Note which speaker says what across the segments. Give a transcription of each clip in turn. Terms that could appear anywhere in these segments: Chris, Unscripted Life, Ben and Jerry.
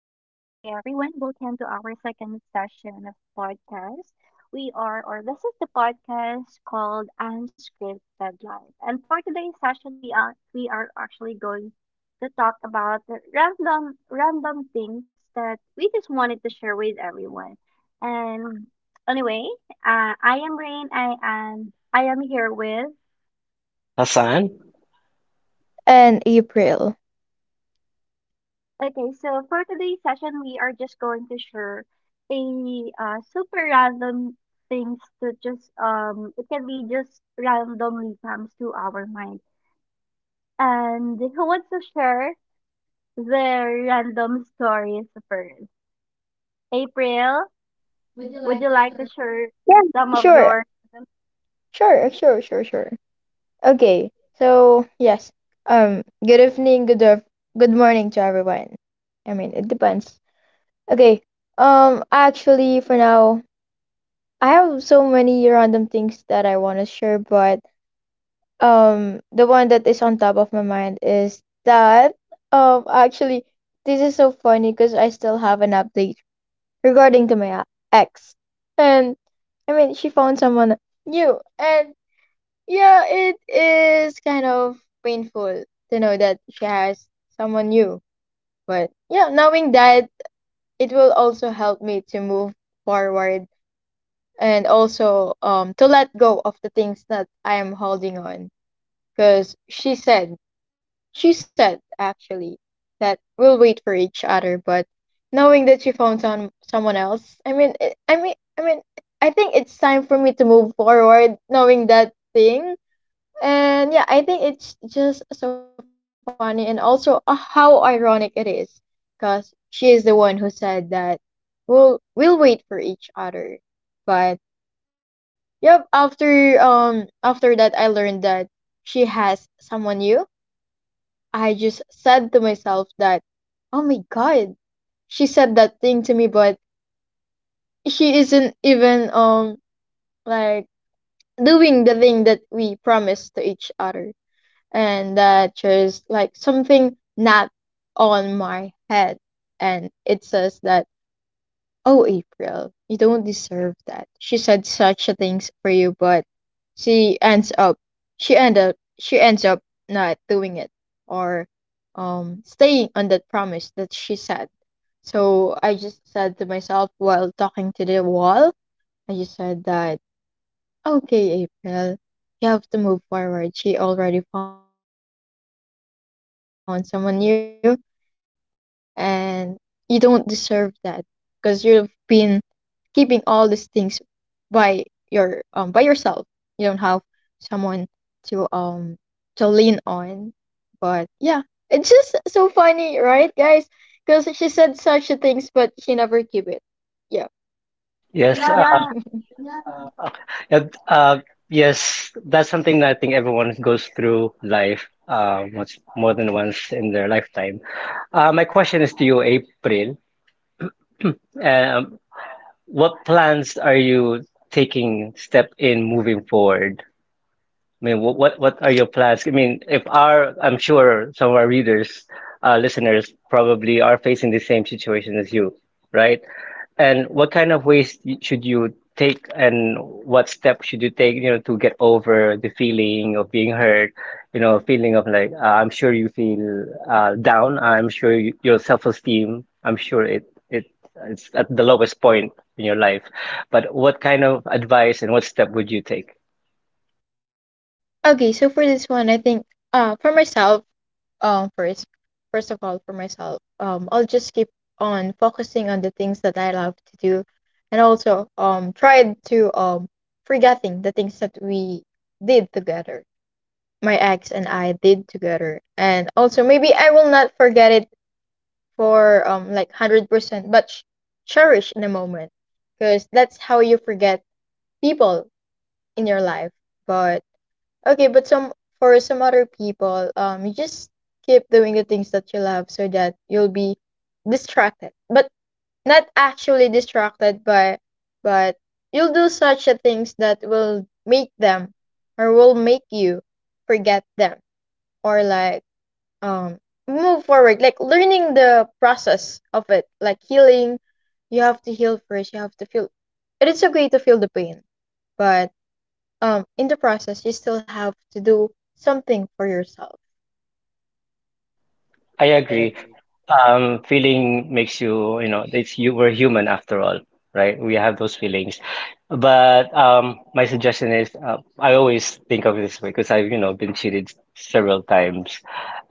Speaker 1: everyone. Welcome to our second session of podcast. We are, or this is the podcast called Unscripted Life. And for today's session, we are actually going to talk about the random things that we just wanted to share with everyone. And anyway, I am Rain. I am here with.
Speaker 2: Hassan?
Speaker 3: And April.
Speaker 1: Okay, so for today's session, we are just going to share a super random things to just it can be just randomly comes to our mind. And who wants to share their random stories first? April, would you like to share some of
Speaker 3: Sure,
Speaker 1: your?
Speaker 3: sure. Okay, so yes. Good evening, good af- Good morning to everyone. I mean, it depends. Okay. Actually, for now, I have so many random things that I want to share, but the one that is on top of my mind is that actually, this is so funny because I still have an update regarding to my ex, and I mean, she found someone new. And yeah, it is kind of painful to know that she has someone new. But yeah, knowing that, it will also help me to move forward and also to let go of the things that I am holding on. Cause she said actually that we'll wait for each other. But knowing that she found someone else, I mean, I think it's time for me to move forward, knowing that thing. And yeah, I think it's just so funny and also how ironic it is because she is the one who said that we'll wait for each other. But yep, after after that I learned that she has someone new. I just said to myself that oh my god, she said that thing to me but she isn't even like doing the thing that we promised to each other. And that just like something not on my head, and it says that oh April, you don't deserve that. She said such a things for you but she ends up she end up she ends up not doing it or staying on that promise that she said. So I just said to myself while talking to the wall, I just said that okay, April, you have to move forward. She already found someone new, and you don't deserve that because you've been keeping all these things by your by yourself. You don't have someone to um to lean on. But yeah, it's just so funny, right, guys? Because she said such a things, but she never keep it. Yeah.
Speaker 2: Yes, yeah.
Speaker 1: Yeah,
Speaker 2: And, uh, yes, that's something that I think everyone goes through life much more than once in their lifetime. My question is to you, April. Um, what plans are you taking step in moving forward? I mean, what are your plans? I mean, if our, I'm sure some of our readers, listeners probably are facing the same situation as you, right? And what kind of ways should you take, and what steps should you take, you know, to get over the feeling of being hurt, you know, feeling of like, I'm sure you feel down. I'm sure you, your self-esteem, I'm sure it it's at the lowest point in your life. But what kind of advice and what step would you take?
Speaker 3: Okay, so for this one, I think for myself. Um, first, first of all, for myself, I'll just keep on focusing on the things that I love to do, and also try to forgetting the things that we did together, my ex and I did together. And also maybe I will not forget it for like 100%, but cherish in the moment, because that's how you forget people in your life. But Okay, but some for some other people, you just keep doing the things that you love so that you'll be distracted, but not actually distracted, but you'll do such a things that will make them or will make you forget them, or like um move forward, like learning the process of it, like healing. You have to heal first. You have to feel. It is okay to feel the pain, but in the process you still have to do something for yourself.
Speaker 2: I agree. Feeling makes you, you know, it's you, we're human after all, right? We have those feelings. But my suggestion is, I always think of it this way because I've, you know, been cheated several times.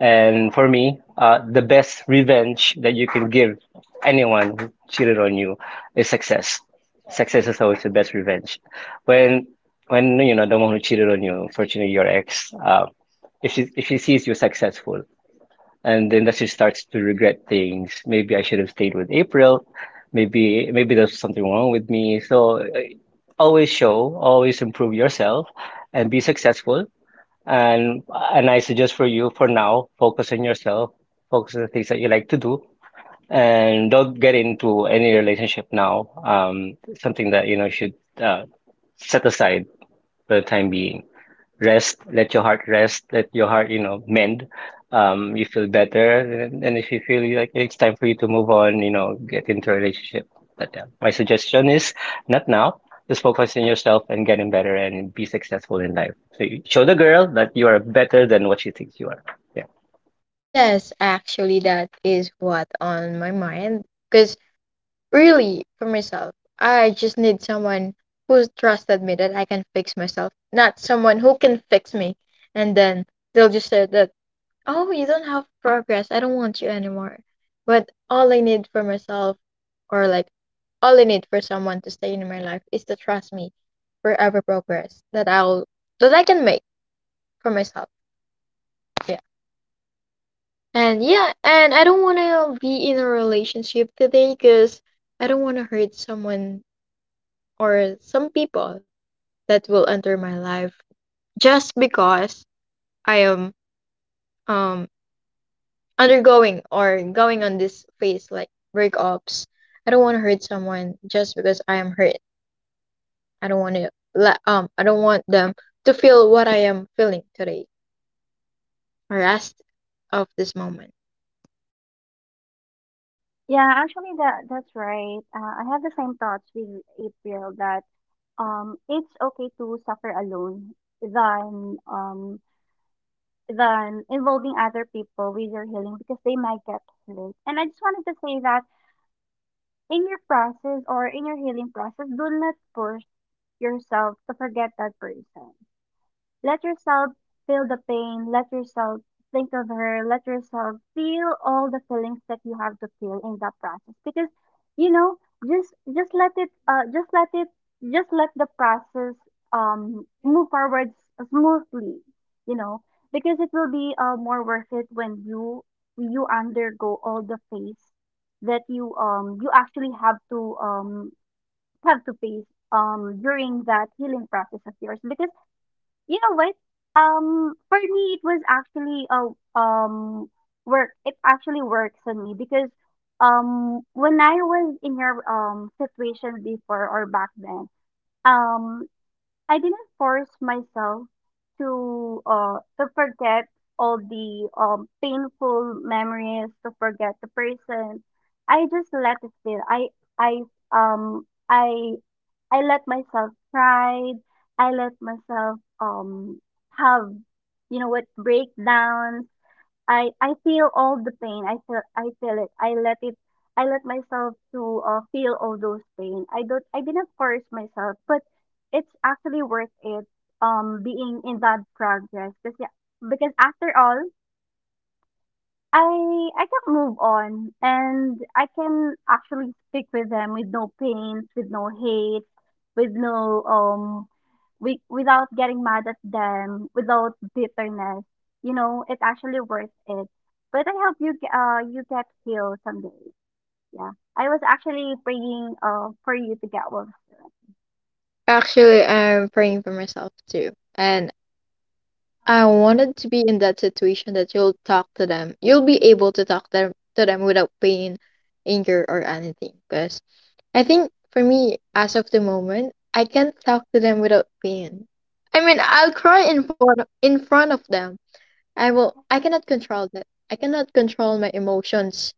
Speaker 2: And for me, the best revenge that you can give anyone who cheated on you is success. Success is always the best revenge. When, when you know, the one who cheated on you, unfortunately, your ex, if she sees you successful, and then she starts to regret things. Maybe I should have stayed with April. Maybe there's something wrong with me. So always show, always improve yourself, and be successful. And and I suggest for you for now, focus on yourself, focus on the things that you like to do, and don't get into any relationship now. Something that you know should uh, set aside for the time being rest, let your heart rest, let your heart, you know, mend. You feel better, and if you feel like it's time for you to move on, you know, get into a relationship. But my suggestion is not now. Just focus on yourself and getting better and be successful in life. So you show the girl that you are better than what she thinks you are. Yeah. Oh,
Speaker 3: Yes, actually that is what on my mind because really for myself, I just need someone who's trusted me that I can fix myself, not someone who can fix me and then they'll just say that oh you don't have progress, I don't want you anymore. But all I need for myself or like all I need for someone to stay in my life is to trust me for every progress that I'll that I can make for myself. Yeah, and yeah, and I don't want to be in a relationship today because I don't want to hurt someone or some people that will enter my life just because I am um undergoing or going on this phase like breakups. I don't want to hurt someone just because I am hurt. I don't want to I don't want them to feel what I am feeling today or rest of this moment.
Speaker 1: yeah. Actually, that's right. I have the same thoughts with April that it's okay to suffer alone than um than involving other people with your healing because they might get hurt. And I just wanted to say that in your process or in your healing process, do not push yourself to forget that person. Let yourself feel the pain, let yourself think of her, let yourself feel all the feelings that you have to feel in that process because you know just let it just let it just let the process move forward smoothly, you know, because it will be more worth it when you undergo all the phase that you you actually have to face during that healing process of yours. Because you know what? For me, it was actually a work. It actually works on me because when I was in your situation before or back then, um I didn't force myself to forget all the painful memories, to forget the person. I just let it be. I um I I let myself cry. I let myself have, you know what, breakdowns. I feel all the pain. I feel it. I let it. I let myself to feel all those pain. I don't. I didn't force myself, but it's actually worth it. Being in that progress because yeah, because after all, I can move on and I can actually speak with them with no pain, with no hate, with no without getting mad at them, without bitterness. You know, it's actually worth it. But I hope you you get healed someday. Yeah. I was actually praying for you to get well.
Speaker 3: Actually, I'm praying for myself too. And I wanted to be in that situation that you'll talk to them. You'll be able to talk them to them without pain, anger, or anything. Because I think for me, as of the moment, I can't talk to them without pain. I mean, I'll cry in front of them. I will. I cannot control that. I cannot control my emotions,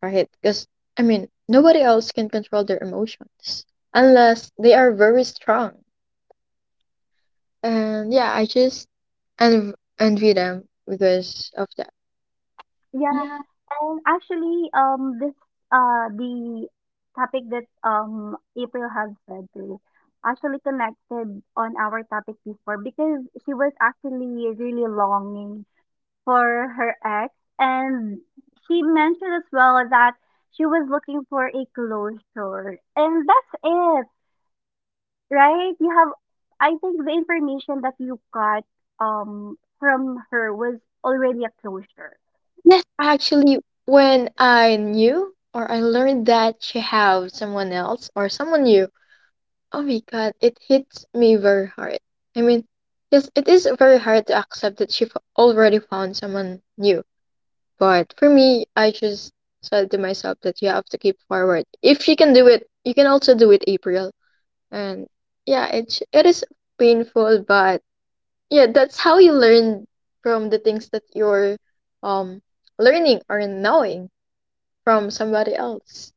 Speaker 3: right? Because I mean, nobody else can control their emotions unless they are very strong. And yeah, I just and envy them because of that.
Speaker 1: Yeah,
Speaker 3: Yes,
Speaker 1: and actually, this the topic that April had said to actually connected on our topic before because she was actually really longing for her ex, and she mentioned as well that she was looking for a closure, and that's it, right? You have, I think, the information that you got from her was already a closure.
Speaker 3: actually, when I knew or I learned that she had someone else or someone new, oh my God, it hits me very hard. I mean, yes, it is very hard to accept that already found someone new. But for me, I just said to myself that you have to keep forward. If you can do it, you can also do it, April. And yeah, it is painful, but yeah, that's how you learn from the things that you're um learning or knowing from somebody else.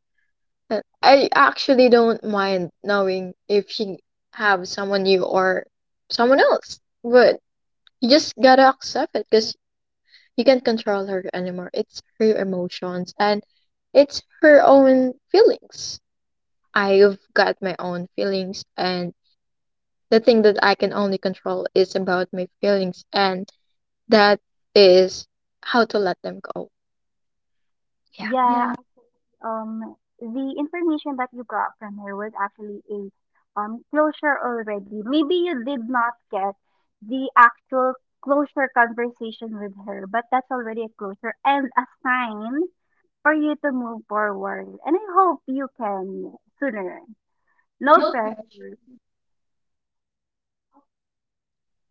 Speaker 3: And I actually don't mind knowing if you have someone new or someone else, but you just gotta accept it because you can't control her anymore. It's her emotions and it's her own feelings. I've got my own feelings, and the thing that I can only control is about my feelings, and that is how to let them go. Yeah.
Speaker 1: Yeah, the information that you got from her was actually a closure already. Maybe you did not get the actual closure conversation with her, but that's already a closure and a sign for you to move forward. And I hope you can sooner. No pressure.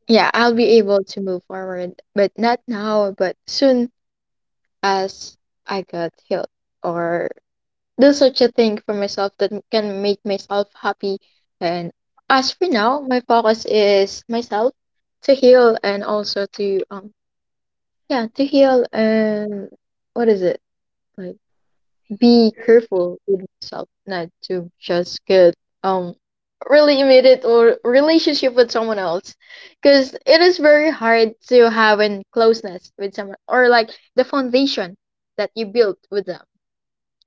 Speaker 3: Yeah, I'll be able to move forward, but not now, but soon as I got healed or do such a thing for myself that can make myself happy. And as for now, my focus is myself to heal and also to yeah, to heal and what is it? Like be careful with myself not to just get um really immediate or relationship with someone else because it is very hard to have in closeness with someone or like the foundation that you built with them,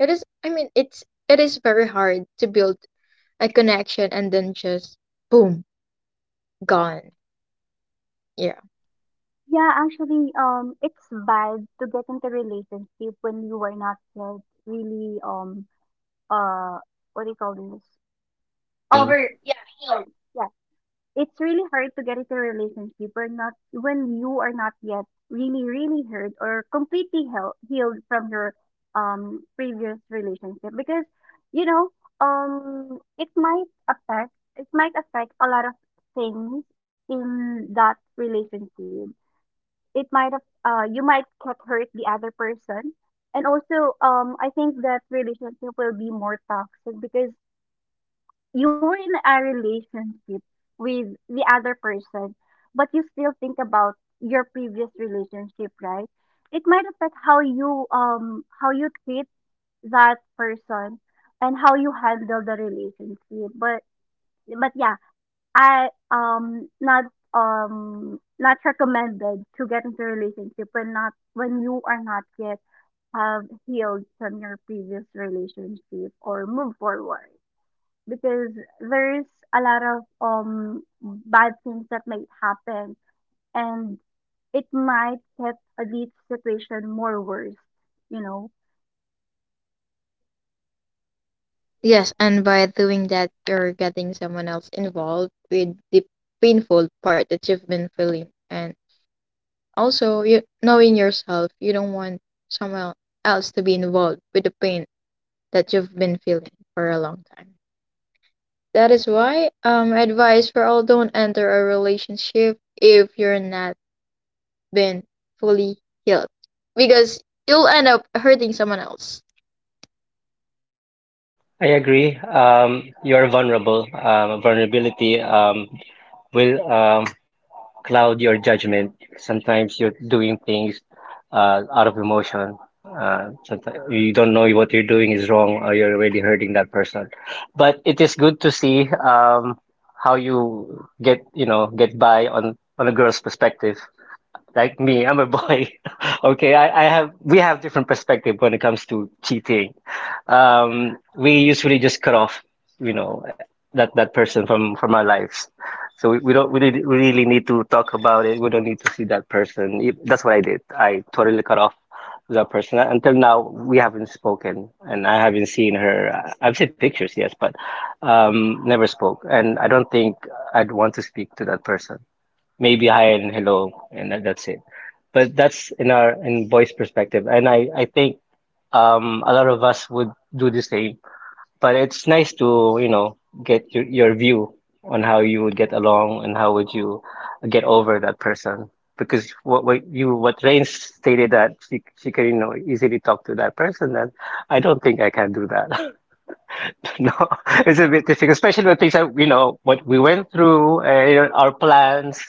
Speaker 3: it is, I mean, it is very hard to build a connection and then just boom, gone. Yeah.
Speaker 1: Yeah, actually, it's bad to get into relationship when you are not yet really uh what do you call this?
Speaker 2: Yun.
Speaker 1: Over
Speaker 2: Yeah.
Speaker 1: yeah, it's really hard to get into a relationship or not when you are not yet really hurt or completely healed from your previous relationship because you know it might affect, it might affect a lot of things in that relationship. It might have you might get hurt the other person. And also I think that relationship will be more toxic because you were in a relationship with the other person, but you still think about your previous relationship, right? It might affect how you treat that person and how you handle the relationship. But yeah, I not not recommended to get into a relationship when not when you are not yet have healed from your previous relationship or move forward because there's a lot of bad things that might happen and it might get the situation more worse, you know.
Speaker 3: Yes, and by doing that you're getting someone else involved with the painful part that you've been feeling. And also, you, knowing yourself, you don't want someone else to be involved with the pain that you've been feeling for a long time. That is why advice for all, don't enter a relationship if you're not been fully healed because you'll end up hurting someone else.
Speaker 2: I agree. You're vulnerable. Vulnerability will cloud your judgment. Sometimes you're doing things out of emotion. Sometimes you don't know what you're doing is wrong, or you're already hurting that person. But it is good to see how you get, you know, get by on a girl's perspective like me, I'm a boy. Okay, I have we have different perspective when it comes to cheating. We usually just cut off, you know, that person from our lives. So, we don't we really need to talk about it. We don't need to see that person. That's what I did. I totally cut off that person. Until now, we haven't spoken and I haven't seen her. I've seen pictures, yes, but never spoke and I don't think I'd want to speak to that person. Maybe hi and hello, and that's it. But that's in our in boys' perspective, and I think a lot of us would do the same. But it's nice to, you know, get your view on how you would get along and how would you get over that person because what Rain stated, that she can, you know, easily talk to that person, and I don't think I can do that. No, it's a bit difficult, especially with things that, you know what, we went through, you know, our plans,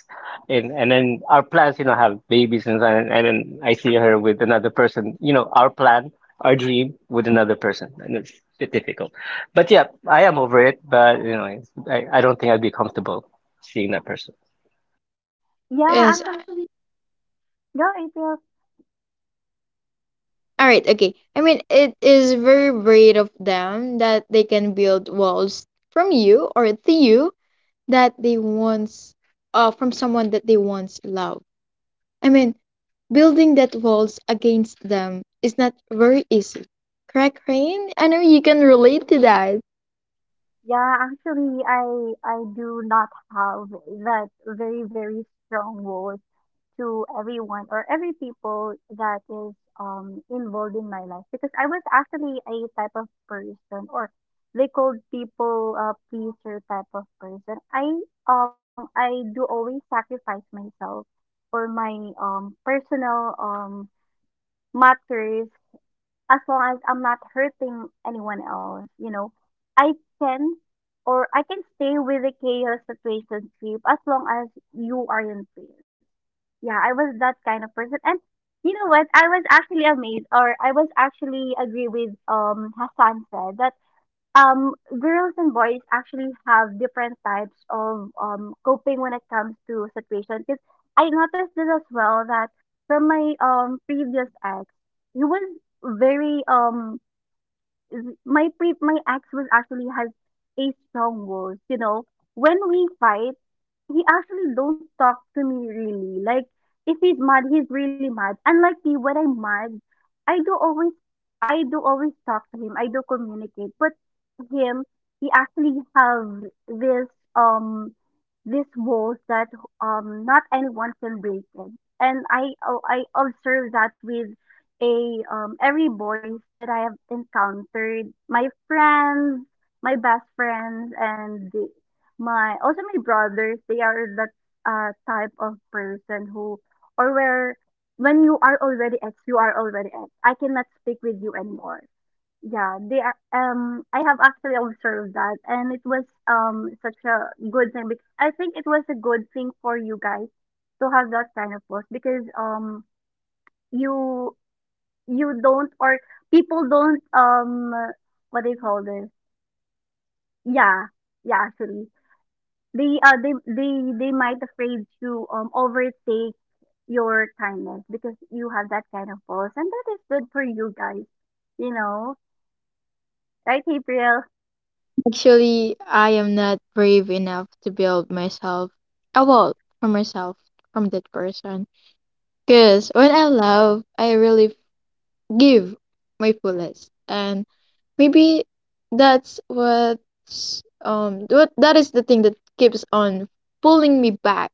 Speaker 2: and then our plans, you know, have babies and and then I see her with another person. You know, our plan, our dream with another person, and it's a bit difficult. But yeah, I am over it. But you know, it's- I don't think I'd be comfortable seeing that person.
Speaker 1: Yeah,
Speaker 3: Yes.
Speaker 1: actually, go April.
Speaker 3: All right. Okay. I mean, it is very brave of them that they can build walls from you or to you that they once from someone that they once loved. I mean, building that walls against them is not very easy. Correct, Rain? I know you can relate to that.
Speaker 1: Yeah, actually, I do not have that very strong role to everyone or every people that is involved in my life, because I was actually a type of person, or they called people a pleaser type of person. I do always sacrifice myself for my personal matters. As long as I'm not hurting anyone else, you know, I can or I can stay with the chaos situation, situationship as long as you are in pain. Yeah, I was that kind of person. And you know what? I was actually amazed or I was actually agree with Hassan said that um, girls and boys actually have different types of coping when it comes to situations. Because I noticed this as well that from my previous ex, he was very my ex was actually has a strong voice. You know, when we fight, he actually don't talk to me really. Like if he's mad, he's really mad. Unlike me, when I'm mad, I do always I do always talk to him. I do communicate. But him, he actually have this um this walls that not anyone can break it. And I observe that with a every boys that I have encountered, my friends, my best friends, my also my brothers. They are that type of person who or where when you are already ex, you are already ex. I cannot speak with you anymore. Yeah, they are. I have actually observed that, and it was such a good thing. Because I think it was a good thing for you guys to have that kind of boss because you you don't or people don't what do you call this? Yeah, yeah, actually, they uh they they they might afraid to overtake your kindness because you have that kind of pulse, and that is good for you guys, you know, right, April?
Speaker 3: Actually, I am not brave enough to build myself a wall for myself from that person. Because when I love, I really give my fullest. And maybe that's what's what that is the thing that keeps on pulling me back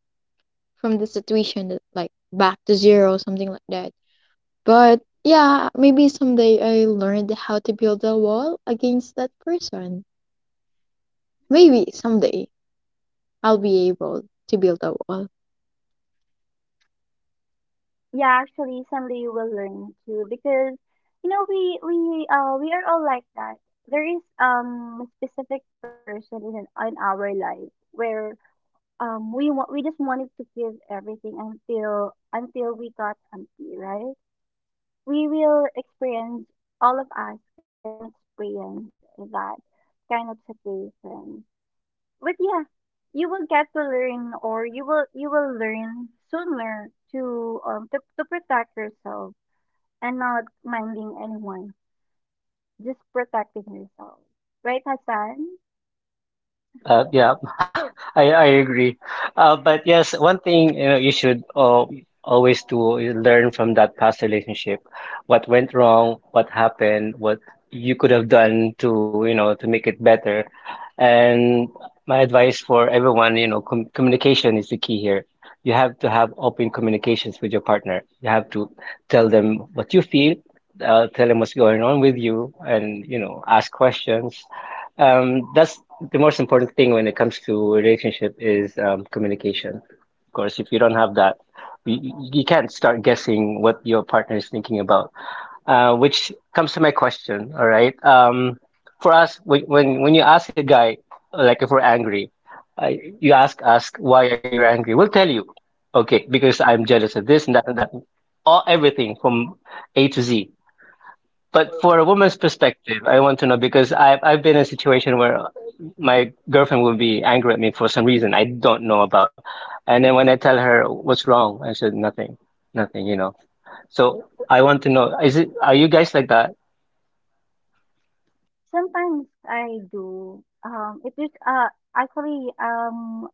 Speaker 3: from the situation that like back to zero something like that. But yeah, maybe someday I learned how to build a wall against that person. Maybe someday I'll be able to build a wall.
Speaker 1: Yeah, actually, someday you will learn too because you know we are all like that. There is a specific person in our life where we want we just wanted to give everything until we got empty, right? We will experience all of us can experience that kind of situation. But yeah, you will get to learn or you will learn sooner to protect yourself and not minding anyone. Just protecting yourself. Right, Hassan?
Speaker 2: Yeah, I agree. But yes, one thing, you know, you should always do is learn from that past relationship, what went wrong, what happened, what you could have done to, you know, to make it better. And my advice for everyone, you know, communication is the key here. You have to have open communications with your partner. You have to tell them what you feel, tell them what's going on with you, and you know, ask questions. That's the most important thing when it comes to relationship is communication. Of course, if you don't have that, you can't start guessing what your partner is thinking about. Which comes to my question. All right. For us, when you ask a guy, like if we're angry, uh, you ask why are you angry? We'll tell you. Okay, because I'm jealous of this and that and that. All everything from A to Z. But for a woman's perspective, I want to know because I've been in a situation where my girlfriend will be angry at me for some reason I don't know about, and then when I tell her what's wrong, I said nothing, nothing, you know. So I want to know, is it are you guys like that?
Speaker 1: Sometimes I do. It is actually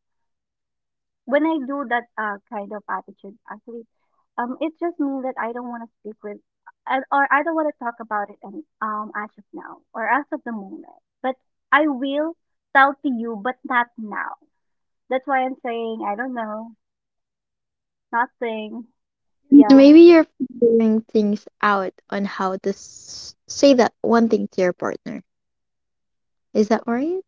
Speaker 1: when I do that kind of attitude, actually, it just means that I don't want to speak with, or I don't want to talk about it, as of now or as of the moment. But I will tell to you, but not now. That's why I'm saying I don't know, nothing.
Speaker 3: So
Speaker 1: Yeah,
Speaker 3: maybe you're figuring things out on how to say that one thing to your partner. Is that right?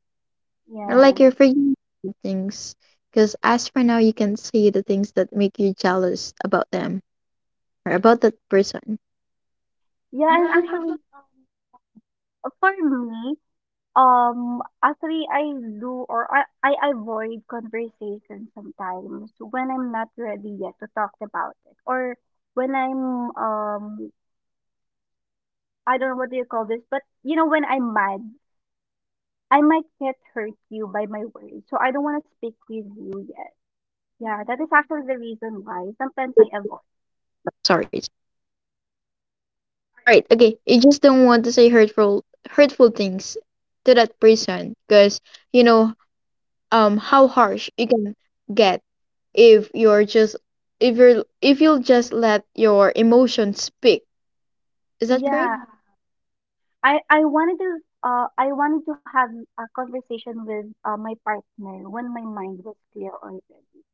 Speaker 1: yeah,
Speaker 3: Like you're figuring out things. Because as for now, you can say the things that make you jealous about them or about that person.
Speaker 1: yeah. And
Speaker 3: And
Speaker 1: actually, for me, actually, I do or I avoid conversation sometimes when I'm not ready yet to talk about it, or when I'm I don't know what do you call this, but you know, when I'm mad, I might get hurt you by my words, so I don't want to speak with you yet. Yeah,
Speaker 3: you
Speaker 1: that is
Speaker 3: don't
Speaker 1: actually
Speaker 3: want
Speaker 1: the reason
Speaker 3: to.
Speaker 1: why sometimes I avoid.
Speaker 3: Sorry. Alright, okay. You just don't want to say hurtful things to that person because you know how harsh you can get if you're just if you'll just let your emotions speak. Is that correct?
Speaker 1: Yeah, I wanted to I wanted to have a conversation with my partner when my mind was clear already.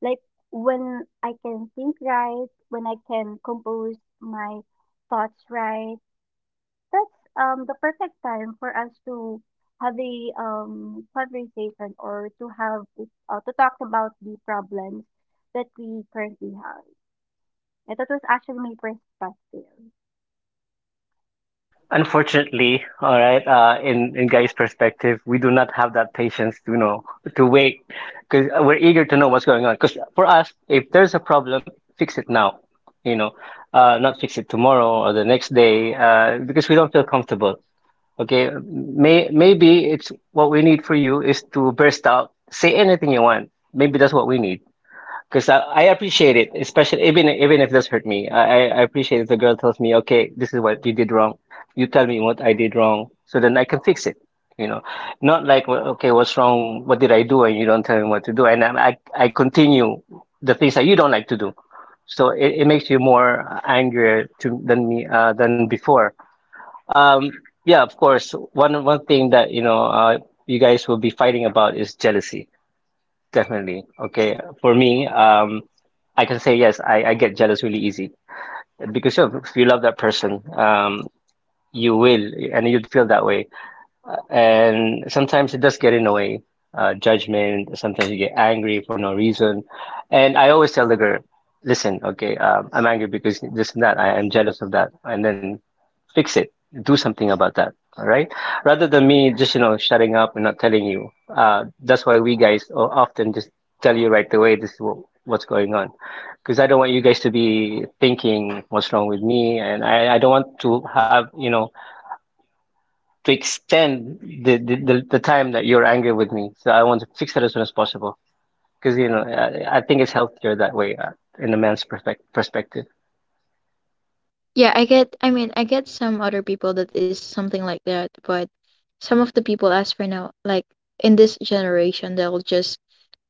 Speaker 1: Like when I can think right, when I can compose my thoughts right, that's the perfect time for us to have a conversation or to have to talk about the problems that we currently have. And that was actually my perspective.
Speaker 2: Unfortunately, all right, in guy's perspective, we do not have that patience to, you know, to wait because we're eager to know what's going on. Because for us, if there's a problem, fix it now, you know, not fix it tomorrow or the next day, because we don't feel comfortable. Okay, maybe it's what we need for you is to burst out, say anything you want. Maybe that's what we need. Because I appreciate it, especially even if this hurt me. I appreciate if the girl tells me, okay, this is what you did wrong. You tell me what I did wrong, so then I can fix it. You know, not like, well, okay, what's wrong? What did I do? And you don't tell me what to do, and I continue the things that you don't like to do. So it makes you more angrier to than me than before. Um, yeah, of course. One thing that, you know, you guys will be fighting about is jealousy. Definitely. Okay. For me, I can say yes, I get jealous really easy because, you know, if you love that person, you will, and you'd feel that way. And sometimes it does get in the way, judgment. Sometimes you get angry for no reason. And I always tell the girl, listen, okay, I'm angry because this and that. I am jealous of that. And then fix it. Do something about that. All right. Rather than me just, you know, shutting up and not telling you. That's why we guys often just tell you right away this is what, what's going on. Because I don't want you guys to be thinking what's wrong with me. And I don't want to have, you know, to extend the time that you're angry with me. So I want to fix it as soon as possible. Because, you know, I think it's healthier that way, in a man's perfect perspective.
Speaker 3: Yeah, I get, I mean I get some other people that is something like that, but some of the people as for now, like in this generation they'll just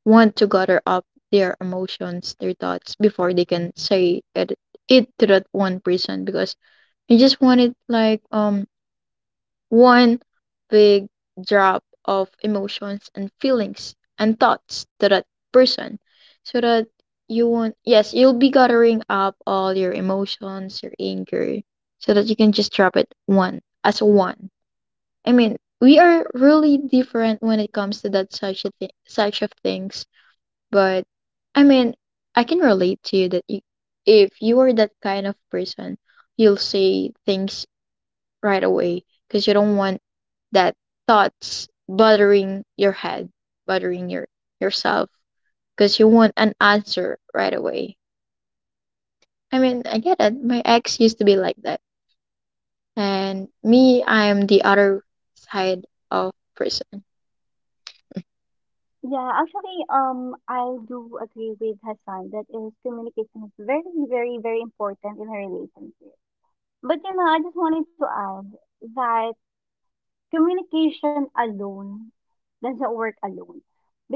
Speaker 3: want to gather up their emotions, their thoughts before they can say it, it to that one person because you just wanted like one big drop of emotions and feelings and thoughts to that person so that you won't, yes, you'll be gathering up all your emotions, your anger, so that you can just drop it one as one. I mean, we are really different when it comes to that such a thing such of things, but I mean, I can relate to you that you, if you are that kind of person, you'll say things right away because you don't want that thoughts bothering your head, bothering yourself because you want an answer right away. I mean, I get it. My ex used to be like that. And me, I'm the other side of person.
Speaker 1: Yeah, actually, I do agree with Hassan that is communication is very important in a relationship. But you know, I just wanted to add that communication alone does not work alone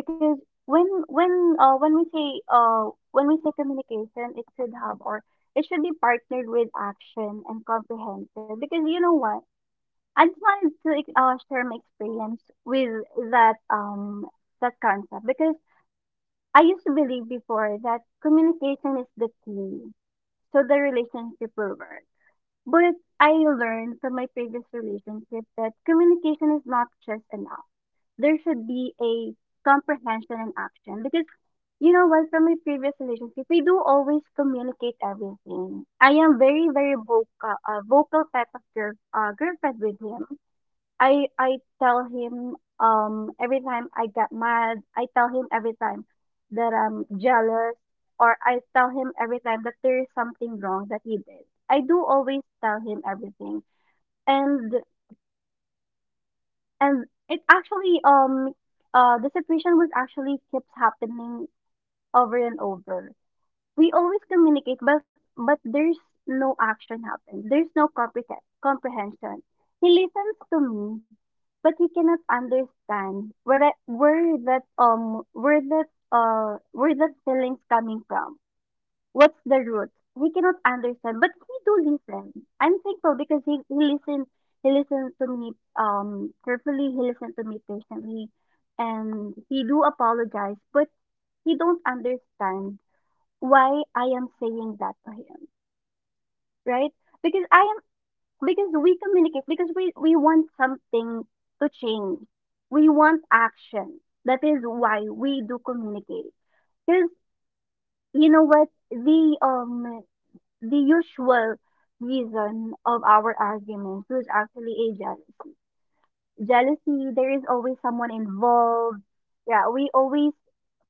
Speaker 1: because when when uh, when we say uh when we say communication it should have or it should be partnered with action and comprehensive because you know what, I just wanted to share my experience with that that concept because I used to believe before that communication is the key so the relationship will work. But I learned from my previous relationship that communication is not just enough. There should be a comprehension and action because you know what, from my previous relationship, we do always communicate everything. I am very vocal, vocal type of girl, girlfriend with him. I tell him every time I get mad, I tell him every time that I'm jealous or I tell him every time that there is something wrong that he did. I do always tell him everything. And and it actually the situation was actually keeps happening over and over. We always communicate, but there's no action happen, there's no comprehension. He listens to me, but he cannot understand where that where that feelings coming from, what's the root. He cannot understand, but he do listen. I'm thankful because he listened, he listened to me carefully, he listened to me patiently, and he do apologize, but he don't understand why I am saying that to him, right? Because I am, because we communicate, because we want something to change. We want action. That is why we do communicate. Because you know what, the usual reason of our arguments was actually a jealousy. Jealousy. There is always someone involved. Yeah, we always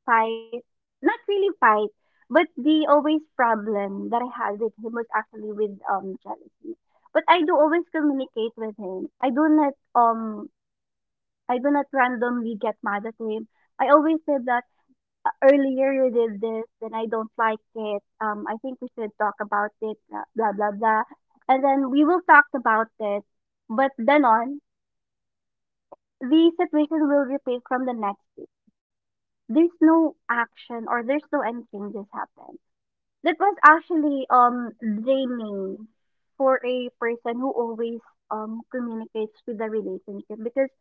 Speaker 1: fight, not really fight, but the always problem that I had with him was actually with jealousy. But I do always communicate with him. I do not randomly get mad at him. I always said that, Earlier you did this, then I don't like it. I think we should talk about it. Blah blah blah. Blah." And then we will talk about it. But then on, the situation will repeat from the next day, there's no action or there's no any changes happen. That was actually draining for a person who always communicates with the relationship, because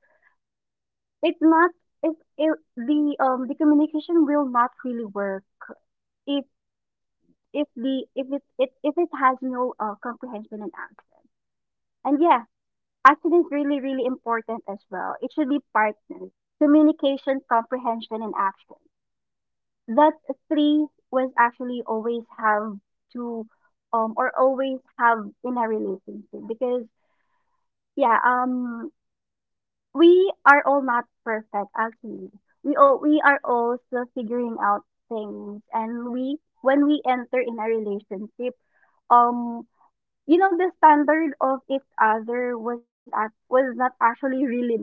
Speaker 1: it's not, if the communication will not really work if if the if it, it if it has no comprehension and action. And yeah, action is really really important as well. It should be partnered. Communication, comprehension, and action. That three was actually always have to or always have in a relationship because, yeah, we are all not perfect actually, we are all still figuring out things. And we when we enter in a relationship, um you know, the standard of each other was act was not actually really met,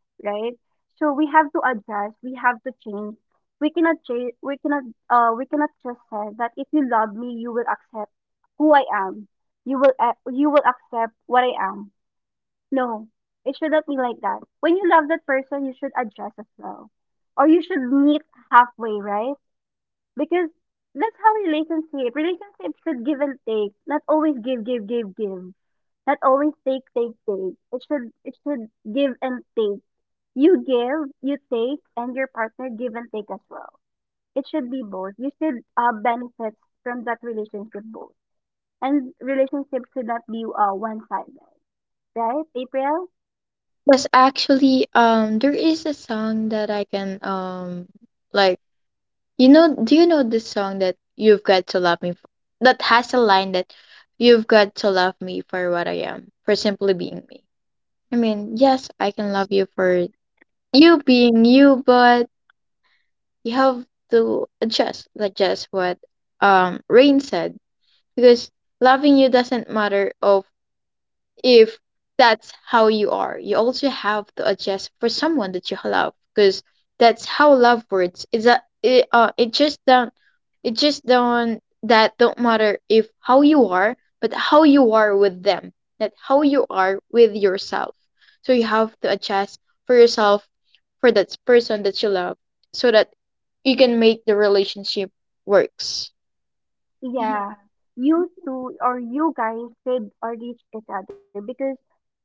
Speaker 1: right? So we have to adjust, we have to change. We cannot just say that if you love me, you will accept who I am. You will, ac you will accept what I am. No, it shouldn't be like that. When you love that person, you should adjust as well, or you should meet halfway, right? Because that's how relationships should give and take, not always give give give give, not always take take take, it should give and take. You give, you take, and your partner give and take as well. It should be both. You should, benefit from that relationship both. And relationship should not be, one-sided, right, April?
Speaker 3: Yes, actually, there is a song that I can like you know, do you know this song that you've got to love me f that has a line that you've got to love me for what I am, for simply being me. I mean, yes, I can love you for you being you, but you have to adjust, like just what Rain said, because loving you doesn't matter of if that's how you are. You also have to adjust for someone that you love because that's how love works. Is that it, it just don't, that don't matter if how you are, but how you are with them, not how you are with yourself. So you have to adjust for yourself for that person that you love so that you can make the relationship works.
Speaker 1: Yeah, you two or you guys should, reach each other, because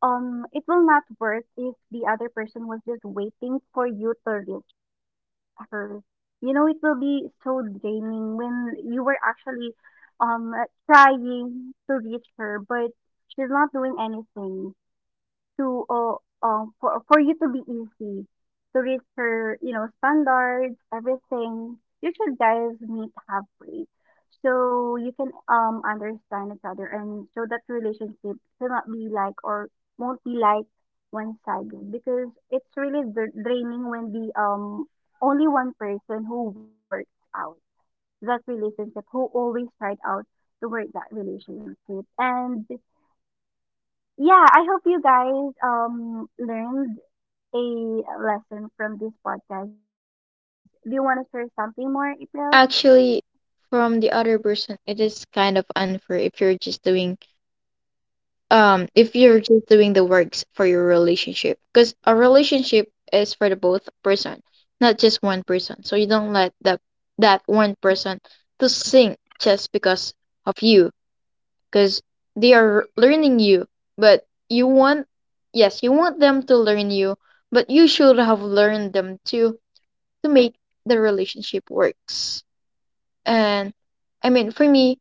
Speaker 1: it will not work if the other person was just waiting for you to reach her. You know, it will be so draining when you were actually um trying to reach her, but she's not doing anything to for you to be easy to reach her, you know, standards, everything. You should guys meet halfway so you can understand each other, and so that relationship cannot be like, or won't be like, one sided, because it's really draining when the only one person who works out that relationship, who always tried out to work that relationship. And yeah, I hope you guys learned a lesson from this podcast. Do you want to share something more, April?
Speaker 3: Actually, from the other person, it is kind of unfair if you're just doing if you're just doing the works for your relationship because a relationship is for the both person, not just one person. So you don't let that that one person to sink just because of you because they are learning you but you want, yes you want them to learn you, but you should have learned them too to make the relationship works. And I mean for me,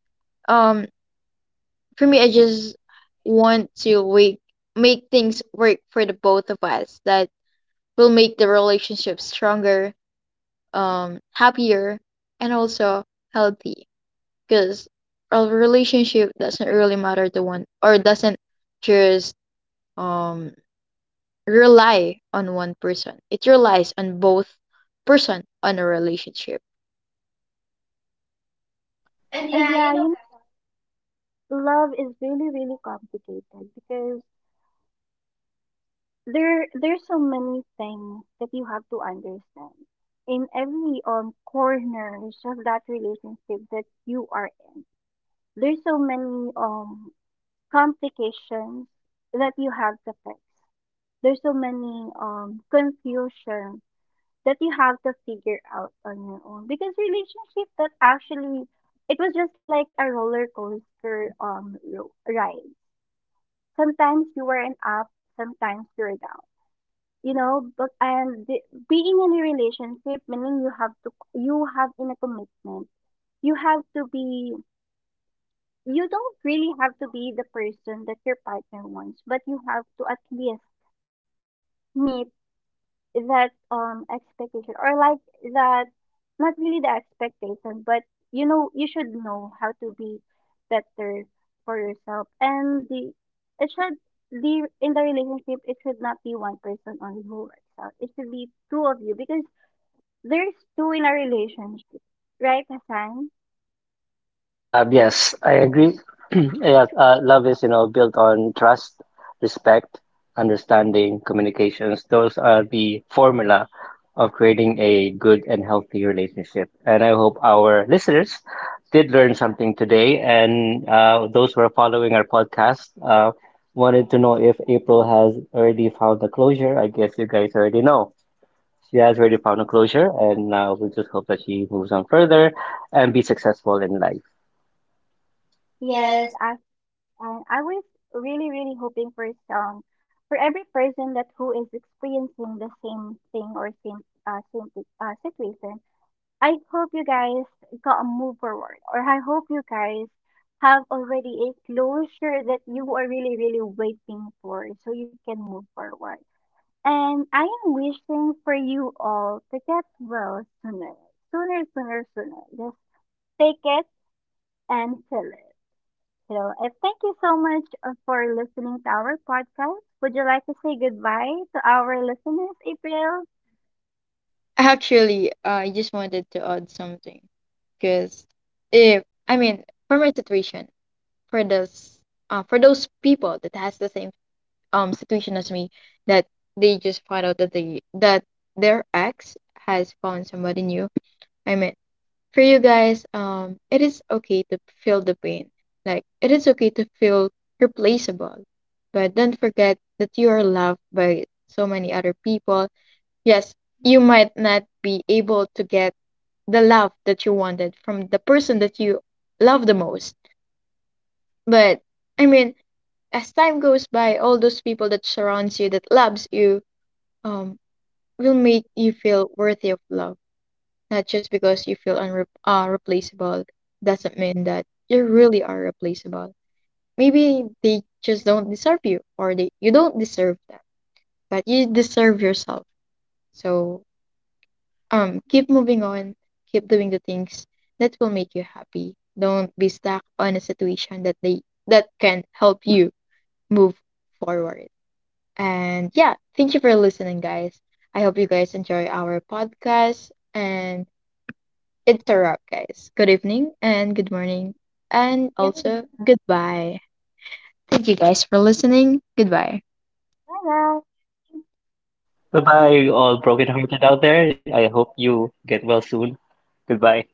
Speaker 3: um I just want to wake, make things work for the both of us that will make the relationship stronger, happier, and also healthy. Because a relationship doesn't really matter to one, or doesn't just um rely on one person. It relies on both person on a relationship.
Speaker 1: And yeah, you know, love is really, really complicated, because there's so many things that you have to understand in every corners of that relationship that you are in. There's so many complications that you have to fix. There's so many confusions that you have to figure out on your own, because relationship, that actually, it was just like a roller coaster ride. Sometimes you were an up, sometimes you were down, you know. But and the, being in a relationship meaning you have to, you have in a commitment, you have to be, you don't really have to be the person that your partner wants, but you have to at least meet that expectation, or like that, not really the expectation, but you know, you should know how to be better for yourself. And the, it should, the in the relationship, it should not be one person only who works out, it should be two of you, because there's two in a relationship, right, Hassan?
Speaker 2: Yes, I agree. Yeah, love is, you know, built on trust, respect, understanding, communications. Those are the formula of creating a good and healthy relationship. And I hope our listeners did learn something today. And those who are following our podcast wanted to know if April has already found the closure. I guess you guys already know. She has already found a closure, and we just hope that she moves on further and be successful in life.
Speaker 1: Yes, as, and I was really really hoping for some, for every person that who is experiencing the same thing or same, uh, same situation, I hope you guys got a move forward, or I hope you guys have already a closure that you are really, really waiting for so you can move forward. And I am wishing for you all to get well sooner, sooner, sooner, sooner. Just take it and fill it. So, I thank you so much, for listening to our podcast. Would you like to say goodbye to our listeners, April?
Speaker 3: Actually, I just wanted to add something because if I mean for my situation, for those people that has the same situation as me, that they just find out that they that their ex has found somebody new. I mean, for you guys, it is okay to feel the pain. Like it is okay to feel replaceable, but don't forget that you are loved by so many other people. Yes, you might not be able to get the love that you wanted from the person that you love the most, but I mean as time goes by, all those people that surrounds you, that loves you, um, will make you feel worthy of love. Not just because you feel replaceable doesn't mean that you really are replaceable. Maybe they just don't deserve you, or they you don't deserve them, but you deserve yourself. So keep moving on, keep doing the things that will make you happy. Don't be stuck on a situation that they that can help you move forward. And yeah, thank you for listening, guys. I hope you guys enjoy our podcast. And it's a wrap, guys. Good evening and good morning. And also, goodbye. Thank you guys for listening. Goodbye.
Speaker 1: Goodbye.
Speaker 2: Bye bye, all broken-hearted out there. I hope you get well soon. Goodbye.